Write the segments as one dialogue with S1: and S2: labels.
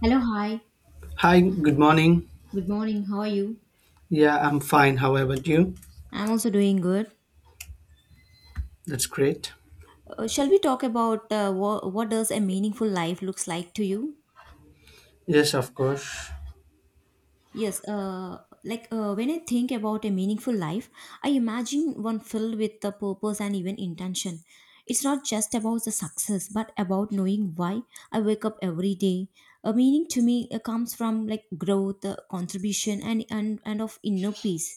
S1: Hello, hi.
S2: Hi, good morning.
S1: Good morning. How are you?
S2: Yeah, I'm fine. How about you?
S1: I'm also doing good.
S2: That's great.
S1: Shall we talk about what does a meaningful life looks like to you?
S2: Yes, of course.
S1: Yes, when I think about a meaningful life, I imagine one filled with the purpose and even intention. It's not just about the success, but about knowing why I wake up every day. A meaning to me comes from like growth, contribution, and of inner peace.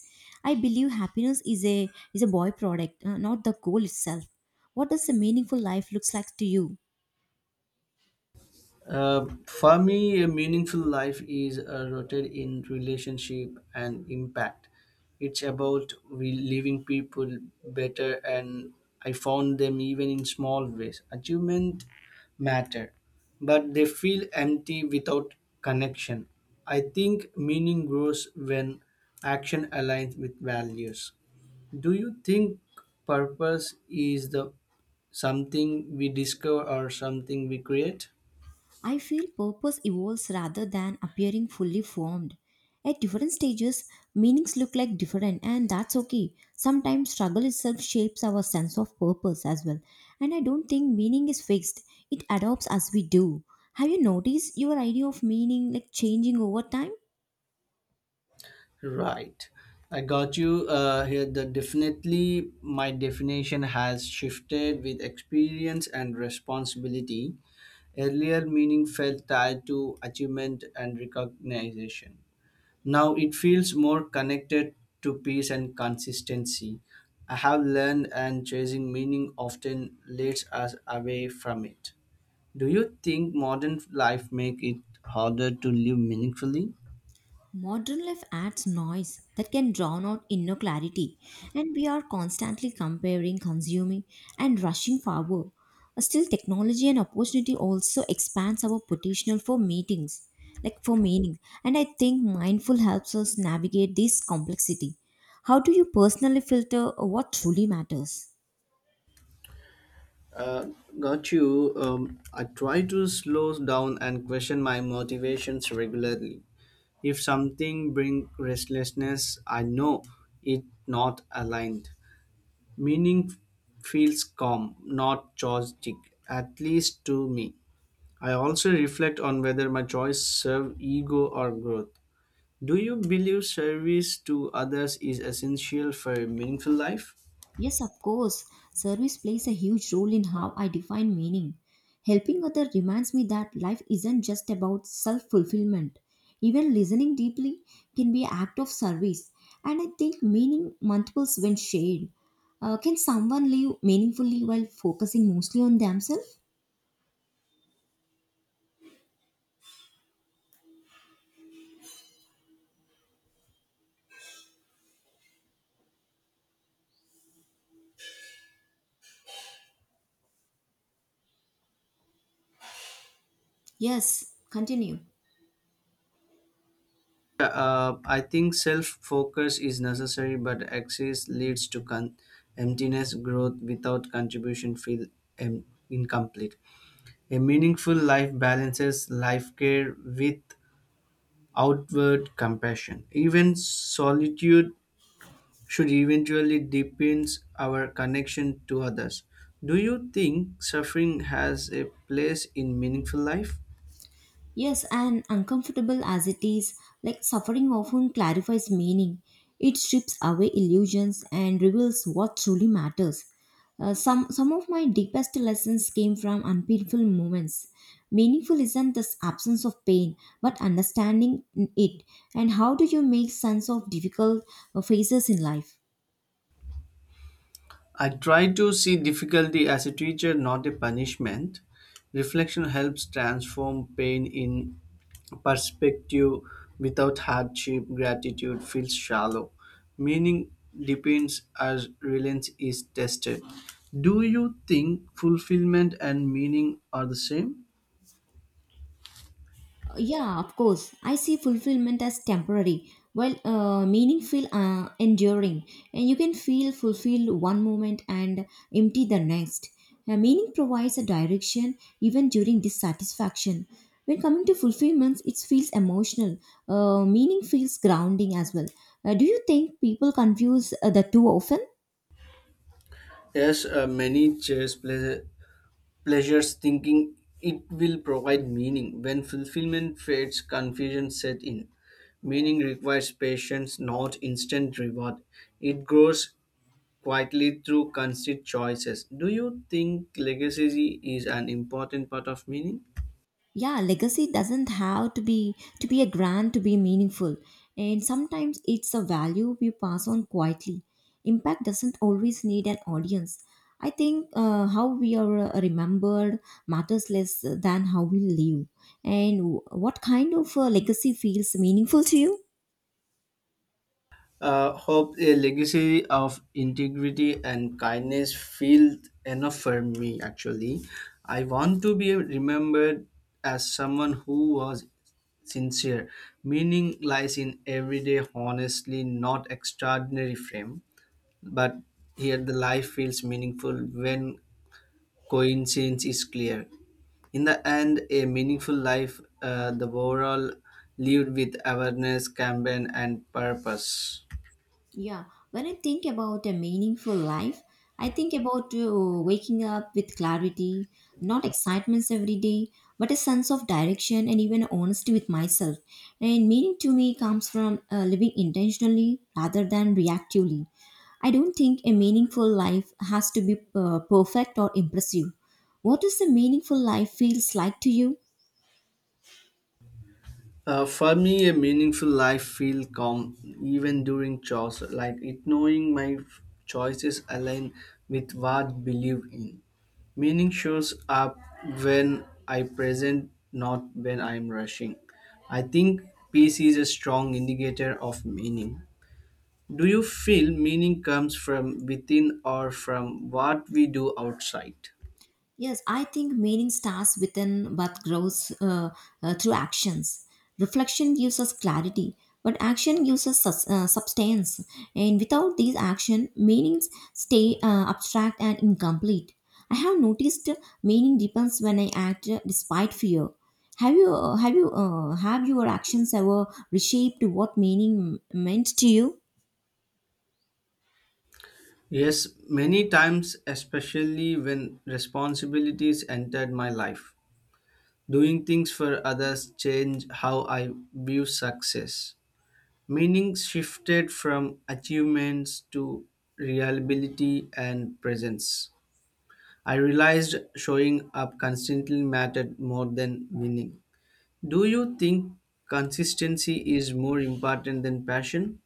S1: I believe happiness is a byproduct, not the goal itself. What does a meaningful life looks like to you?
S2: For me, a meaningful life is rooted in relationship and impact. It's about we leaving people better, and I found them even in small ways. Achievement matter, but they feel empty without connection. I think meaning grows when action aligns with values. Do you think purpose is the something we discover or something we create?
S1: I feel purpose evolves rather than appearing fully formed. At different stages, meanings look like different, and that's okay. Sometimes struggle itself shapes our sense of purpose as well. And I don't think meaning is fixed, it adopts as we do. Have you noticed your idea of meaning like changing over time?
S2: Right. I got you here. The definitely my definition has shifted with experience and responsibility. Earlier, meaning felt tied to achievement and recognition. Now it feels more connected to peace and consistency. I have learned and chasing meaning often leads us away from it. Do you think modern life make it harder to live meaningfully?
S1: Modern life adds noise that can drown out inner clarity, and we are constantly comparing, consuming, and rushing forward. Still, technology and opportunity also expands our potential for meetings, like for meaning. And I think mindful helps us navigate this complexity. How do you personally filter what truly matters?
S2: Uh, got you. I try to slow down and question my motivations regularly. If something bring restlessness, I know it not aligned. Meaning feels calm, not chaotic, at least to me. I also reflect on whether my choice serve ego or growth. Do you believe service to others is essential for a meaningful life?
S1: Yes, of course. Service plays a huge role in how I define meaning. Helping others reminds me that life isn't just about self fulfillment. Even listening deeply can be an act of service, and I think meaning multiples when shared. Can someone live meaningfully while focusing mostly on themselves? Yes, continue.
S2: Yeah, I think self focus is necessary, but excess leads to emptiness. Growth without contribution feel em- incomplete. A meaningful life balances life care with outward compassion. Even solitude should eventually deepens our connection to others. Do you think suffering has a place in meaningful life?
S1: Yes, and uncomfortable as it is, like suffering often clarifies meaning. It strips away illusions and reveals what truly matters. Some of my deepest lessons came from unpainful moments. Meaningful isn't this absence of pain, but understanding it, and how do you make sense of difficult phases in life.
S2: I try to see difficulty as a teacher, not a punishment. Reflection helps transform pain in perspective. Without hardship, gratitude feels shallow. Meaning depends as reliance is tested. Do you think fulfillment and meaning are the same?
S1: Yeah, of course. I see fulfillment as temporary, while meaningful, enduring. And you can feel fulfilled one moment and empty the next. Meaning provides a direction even during dissatisfaction. When coming to fulfillments, it feels emotional. Meaning feels grounding as well. Do you think people confuse the two often?
S2: Yes, many chess players pleasures, thinking it will provide meaning. When fulfillment fades, confusion set in. Meaning requires patience, not instant reward. It grows quietly through constant choices. Do you think legacy is an important part of meaning?
S1: Yeah, legacy doesn't have to be a grand to be meaningful, and sometimes it's a value we pass on quietly. Impact doesn't always need an audience. I think how we are remembered matters less than how we live, and what kind of legacy feels meaningful to you?
S2: Hope a legacy of integrity and kindness feels enough for me actually. I want to be remembered as someone who was sincere. Meaning lies in everyday honestly, not extraordinary frame, but here the life feels meaningful when coincidence is clear. In the end, a meaningful life the overall lived with awareness campaign and purpose.
S1: Yeah, when I think about a meaningful life, I think about waking up with clarity, not excitements every day, but a sense of direction and even honesty with myself. And meaning to me comes from living intentionally rather than reactively. I don't think a meaningful life has to be perfect or impressive. What does a meaningful life feels like to you?
S2: For me, a meaningful life feel calm even during chores, like it knowing my choices align with what believe in. Meaning shows up when I present, not when I am rushing. I think peace is a strong indicator of meaning. Do you feel meaning comes from within or from what we do outside?
S1: Yes, I think meaning starts within but grows through actions. Reflection gives us clarity, but action gives us substance. And without these action, meanings stay abstract and incomplete. I have noticed meaning deepens when I act despite fear. Have your actions ever reshaped what meaning meant to you?
S2: Yes, many times, especially when responsibilities entered my life. Doing things for others changed how I view success. Meaning shifted from achievements to reliability and presence. I realized showing up constantly mattered more than winning. Do you think consistency is more important than passion?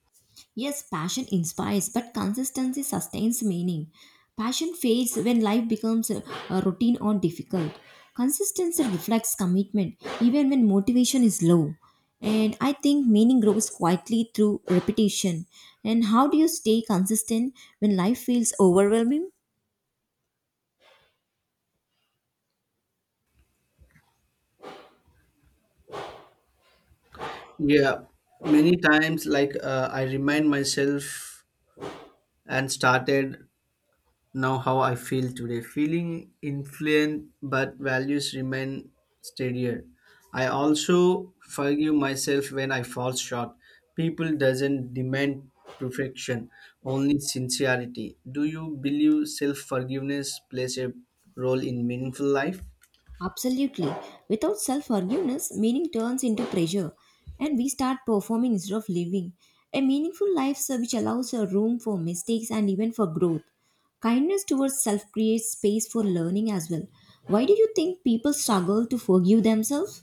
S1: Yes, passion inspires, but consistency sustains meaning. Passion fades when life becomes a routine or difficult. Consistency reflects commitment, even when motivation is low. And I think meaning grows quietly through repetition. And how do you stay consistent when life feels overwhelming?
S2: Yeah, many times, I remind myself and started now how I feel today. Feeling influent, but values remain steadier. I also forgive myself when I fall short. People doesn't demand perfection, only sincerity. Do you believe self forgiveness plays a role in meaningful life?
S1: Absolutely. Without self forgiveness meaning turns into pressure, and we start performing instead of living. A meaningful life sir, which allows a room for mistakes and even for growth. Kindness towards self creates space for learning as well. Why do you think people struggle to forgive themselves?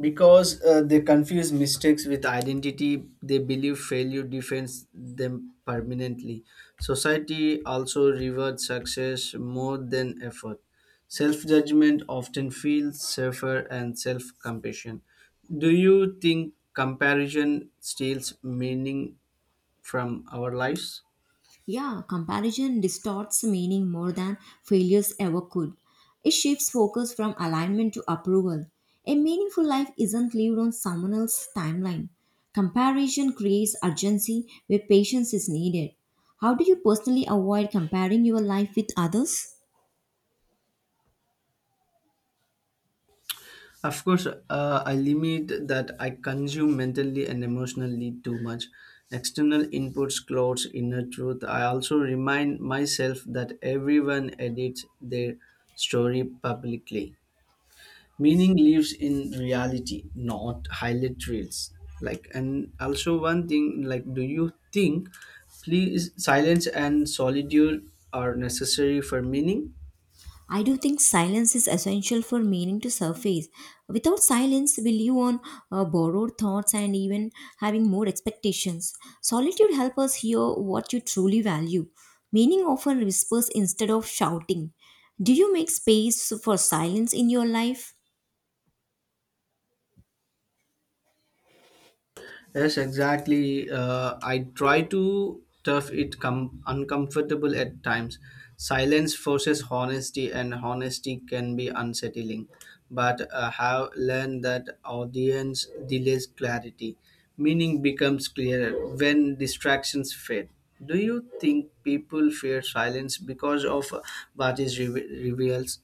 S2: Because they confuse mistakes with identity. They believe failure defends them permanently. Society also rewards success more than effort. Self-judgment often feels safer and self-compassion. Do you think comparison steals meaning from our lives?
S1: Yeah, comparison distorts meaning more than failures ever could. It shifts focus from alignment to approval. A meaningful life isn't lived on someone else's timeline. Comparison creates urgency where patience is needed. How do you personally avoid comparing your life with others?
S2: Of course, I limit that I consume mentally and emotionally too much. External inputs clouds inner truth. I also remind myself that everyone edits their story publicly. Meaning lives in reality, not highlight reels. Like, and also one thing, like, do you think, please, silence and solitude are necessary for meaning?
S1: I do think silence is essential for meaning to surface. Without silence, we live on borrowed thoughts and even having more expectations. Solitude helps us hear what you truly value. Meaning often whispers instead of shouting. Do you make space for silence in your life?
S2: Yes, exactly. I try to tough it uncomfortable at times. Silence forces honesty, and honesty can be unsettling. But I have learned that audience delays clarity. Meaning becomes clearer when distractions fade. Do you think people fear silence because of what is reveals?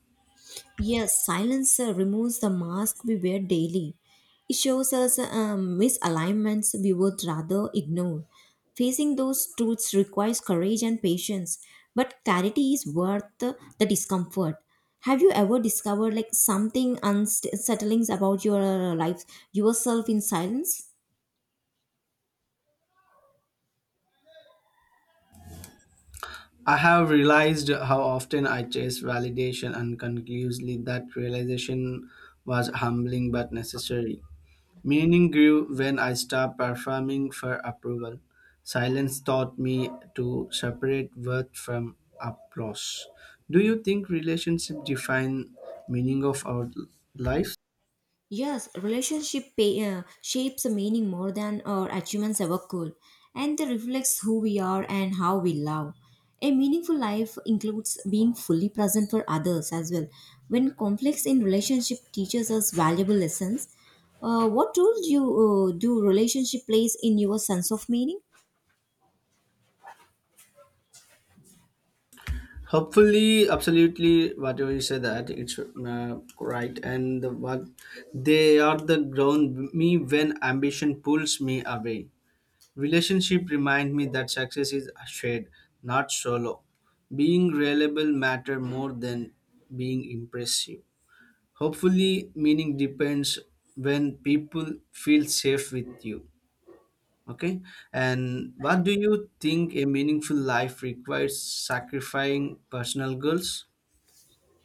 S1: Yes, silence removes the mask we wear daily. It shows us misalignments we would rather ignore. Facing those truths requires courage and patience, but clarity is worth the discomfort. Have you ever discovered like something unsettling about your life, yourself in silence?
S2: I have realized how often I chase validation unconclusively. That realization was humbling but necessary. Meaning grew when I stopped performing for approval. Silence taught me to separate worth from applause. Do you think relationship define meaning of our life?
S1: Yes, relationship pay, shapes a meaning more than our achievements ever could, and they reflects who we are and how we love. A meaningful life includes being fully present for others as well. When conflicts in relationship teaches us valuable lessons, what role do you do relationship plays in your sense of meaning?
S2: Hopefully, absolutely, whatever you say that it's right, and the, what they are the ground me when ambition pulls me away. Relationship remind me that success is shared, not solo. Being reliable matter more than being impressive. Hopefully, meaning depends when people feel safe with you. Okay, and what do you think a meaningful life requires? Sacrificing personal goals.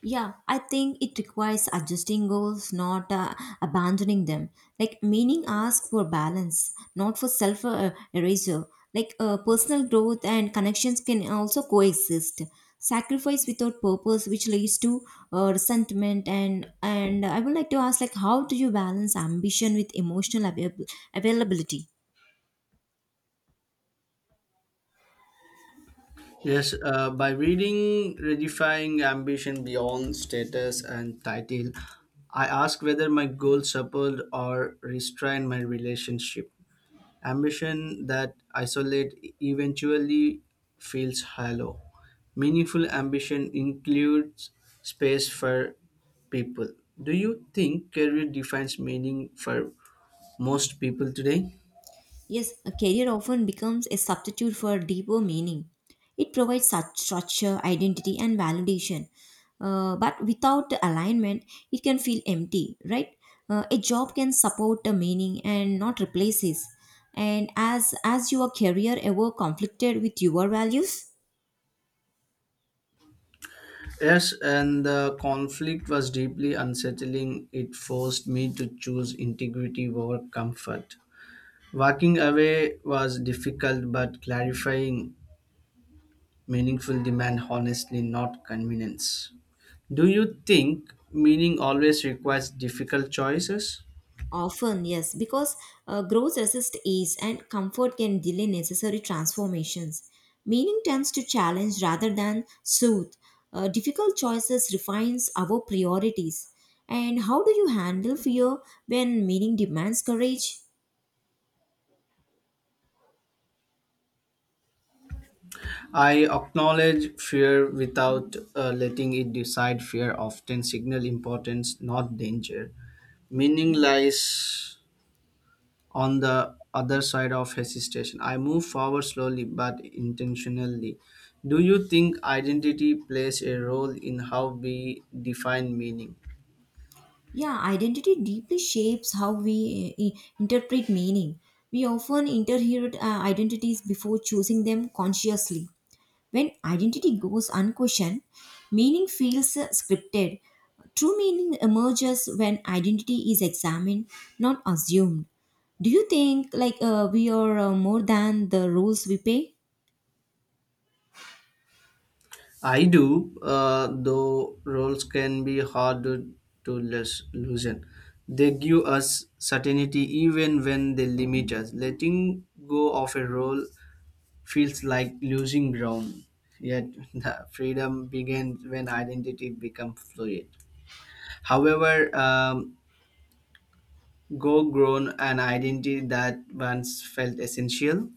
S1: Yeah, I think it requires adjusting goals, not abandoning them. Like meaning ask for balance, not for self erasure. Like personal growth and connections can also coexist. Sacrifice without purpose, which leads to resentment, and I would like to ask, like, how do you balance ambition with emotional availability?
S2: Yes, by reading Redefining Ambition Beyond Status and Title, I ask whether my goals support or restrain my relationship. Ambition that isolate eventually feels hollow. Meaningful ambition includes space for people. Do you think career defines meaning for most people today?
S1: Yes, a career often becomes a substitute for deeper meaning. It provides such structure, identity, and validation. But without the alignment, it can feel empty, right? A job can support the meaning and not replace it. And as your career ever conflicted with your values?
S2: Yes, and the conflict was deeply unsettling. It forced me to choose integrity over comfort. Walking away was difficult, but clarifying meaningful demand honestly, not convenience. Do you think meaning always requires difficult choices?
S1: Often, yes, because growth resists ease and comfort can delay necessary transformations. Meaning tends to challenge rather than soothe. Difficult choices refines our priorities. And how do you handle fear when meaning demands courage?
S2: I acknowledge fear without letting it decide. Fear often signal importance, not danger. Meaning lies on the other side of hesitation. I move forward slowly but intentionally. Do you think identity plays a role in how we define meaning?
S1: Yeah, identity deeply shapes how we interpret meaning. We often interpret identities before choosing them consciously. When identity goes unquestioned, meaning feels scripted. True meaning emerges when identity is examined, not assumed. Do you think like we are more than the roles we play?
S2: I do, though roles can be hard to loosen. They give us certainty even when they limit us. Letting go of a role feels like losing ground. Yet the freedom begins when identity becomes fluid. However, Go grown an identity that once felt essential.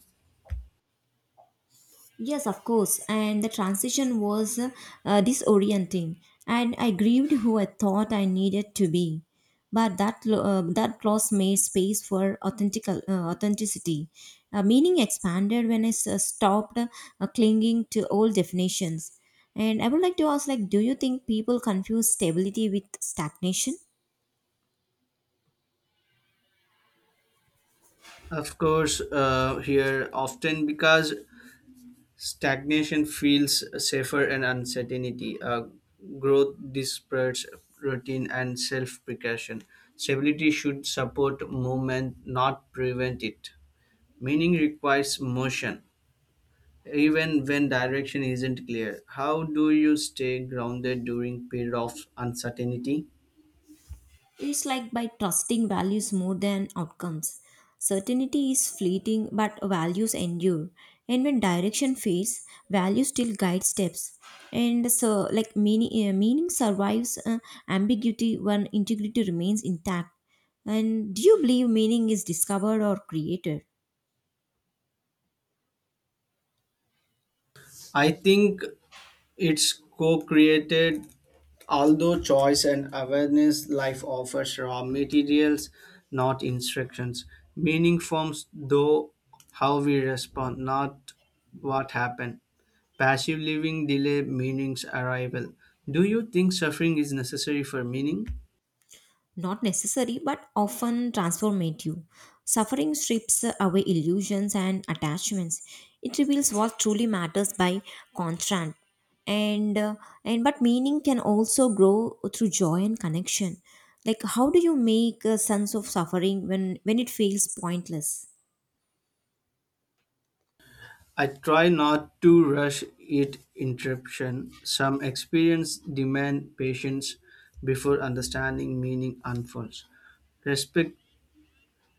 S1: Yes, of course. And the transition was disorienting, and I grieved who I thought I needed to be. But that that loss made space for authentic authenticity. Meaning expanded when I stopped clinging to old definitions. And I would like to ask, like, do you think people confuse stability with stagnation?
S2: Of course, here often because stagnation feels safer and uncertainty. Growth disperses routine and self precaution. Stability should support movement, not prevent it. Meaning requires motion, even when direction isn't clear. How do you stay grounded during period of uncertainty?
S1: It's like by trusting values more than outcomes. Certainty is fleeting, but values endure. And when direction fades, values still guide steps. And so, like meaning, meaning survives ambiguity when integrity remains intact. And do you believe meaning is discovered or created?
S2: I think it's co-created, although choice and awareness life offers raw materials, not instructions. Meaning forms though how we respond, not what happened. Passive living delay meaning's arrival. Do you think suffering is necessary for meaning?
S1: Not necessary but often transformative. Suffering strips away illusions and attachments. It reveals what truly matters by contrast. And uh, and but meaning can also grow through joy and connection. Like how do you make a sense of suffering when it feels pointless?
S2: I try not to rush it interruption. Some experience demand patience before understanding meaning unfolds. Respect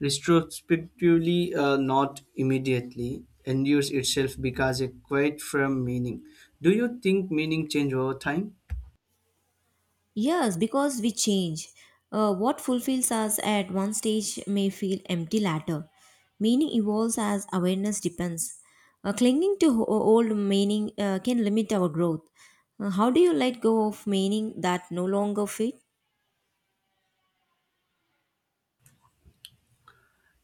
S2: retrospectively not immediately endures itself because a quite firm meaning. Do you think meaning change over time?
S1: Yes, because we change. What fulfills us at one stage may feel empty later. Meaning evolves as awareness depends. Clinging to old meaning can limit our growth. How do you let go of meaning that no longer fit?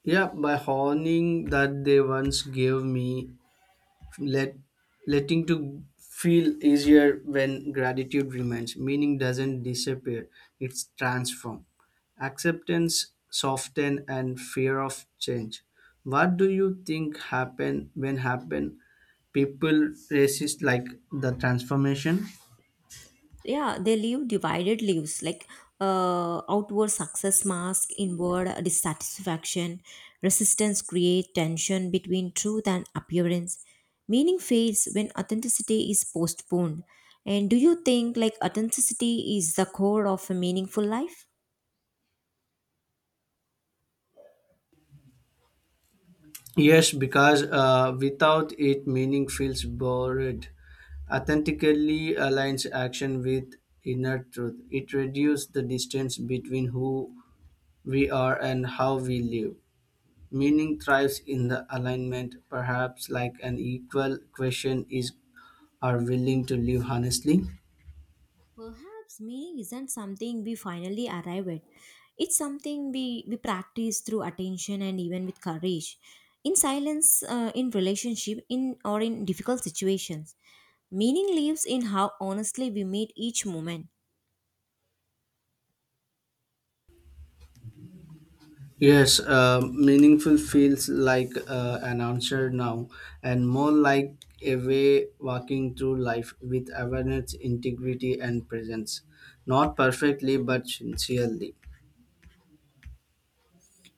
S2: Yeah, by honing that they once gave me, let letting to feel easier when gratitude remains. Meaning doesn't disappear, it's transformed. Acceptance soften and fear of change. What do you think happen when happen people resist like the transformation?
S1: Yeah, they live divided lives, like outward success mask inward dissatisfaction. Resistance create tension between truth and appearance. Meaning fades when authenticity is postponed. And do you think like authenticity is the core of a meaningful life?
S2: Yes, because without it meaning feels bored. Authentically aligns action with inner truth. It reduces the distance between who we are and how we live. Meaning thrives in the alignment, perhaps like an equal question is are willing to live honestly?
S1: Perhaps meaning isn't something we finally arrive at, it's something we practice through attention and even with courage, in silence, in relationship in or in difficult situations. Meaning lives in how honestly we meet each moment.
S2: Yes, meaningful feels like an answer now and more like a way walking through life with awareness, integrity, and presence. Not perfectly, but sincerely.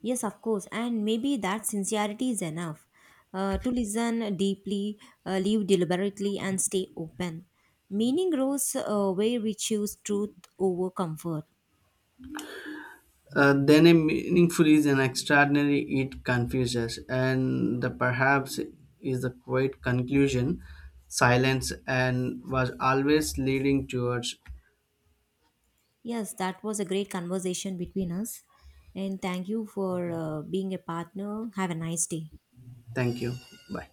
S1: Yes, of course, and maybe that sincerity is enough, to listen deeply, live deliberately, and stay open. Meaning grows where we choose truth over comfort.
S2: Then a meaningful is an extraordinary it confuses and the perhaps is the quiet conclusion silence and was always leading towards.
S1: Yes, that was a great conversation between us, and thank you for being a partner. Have a nice day.
S2: Thank you. Bye.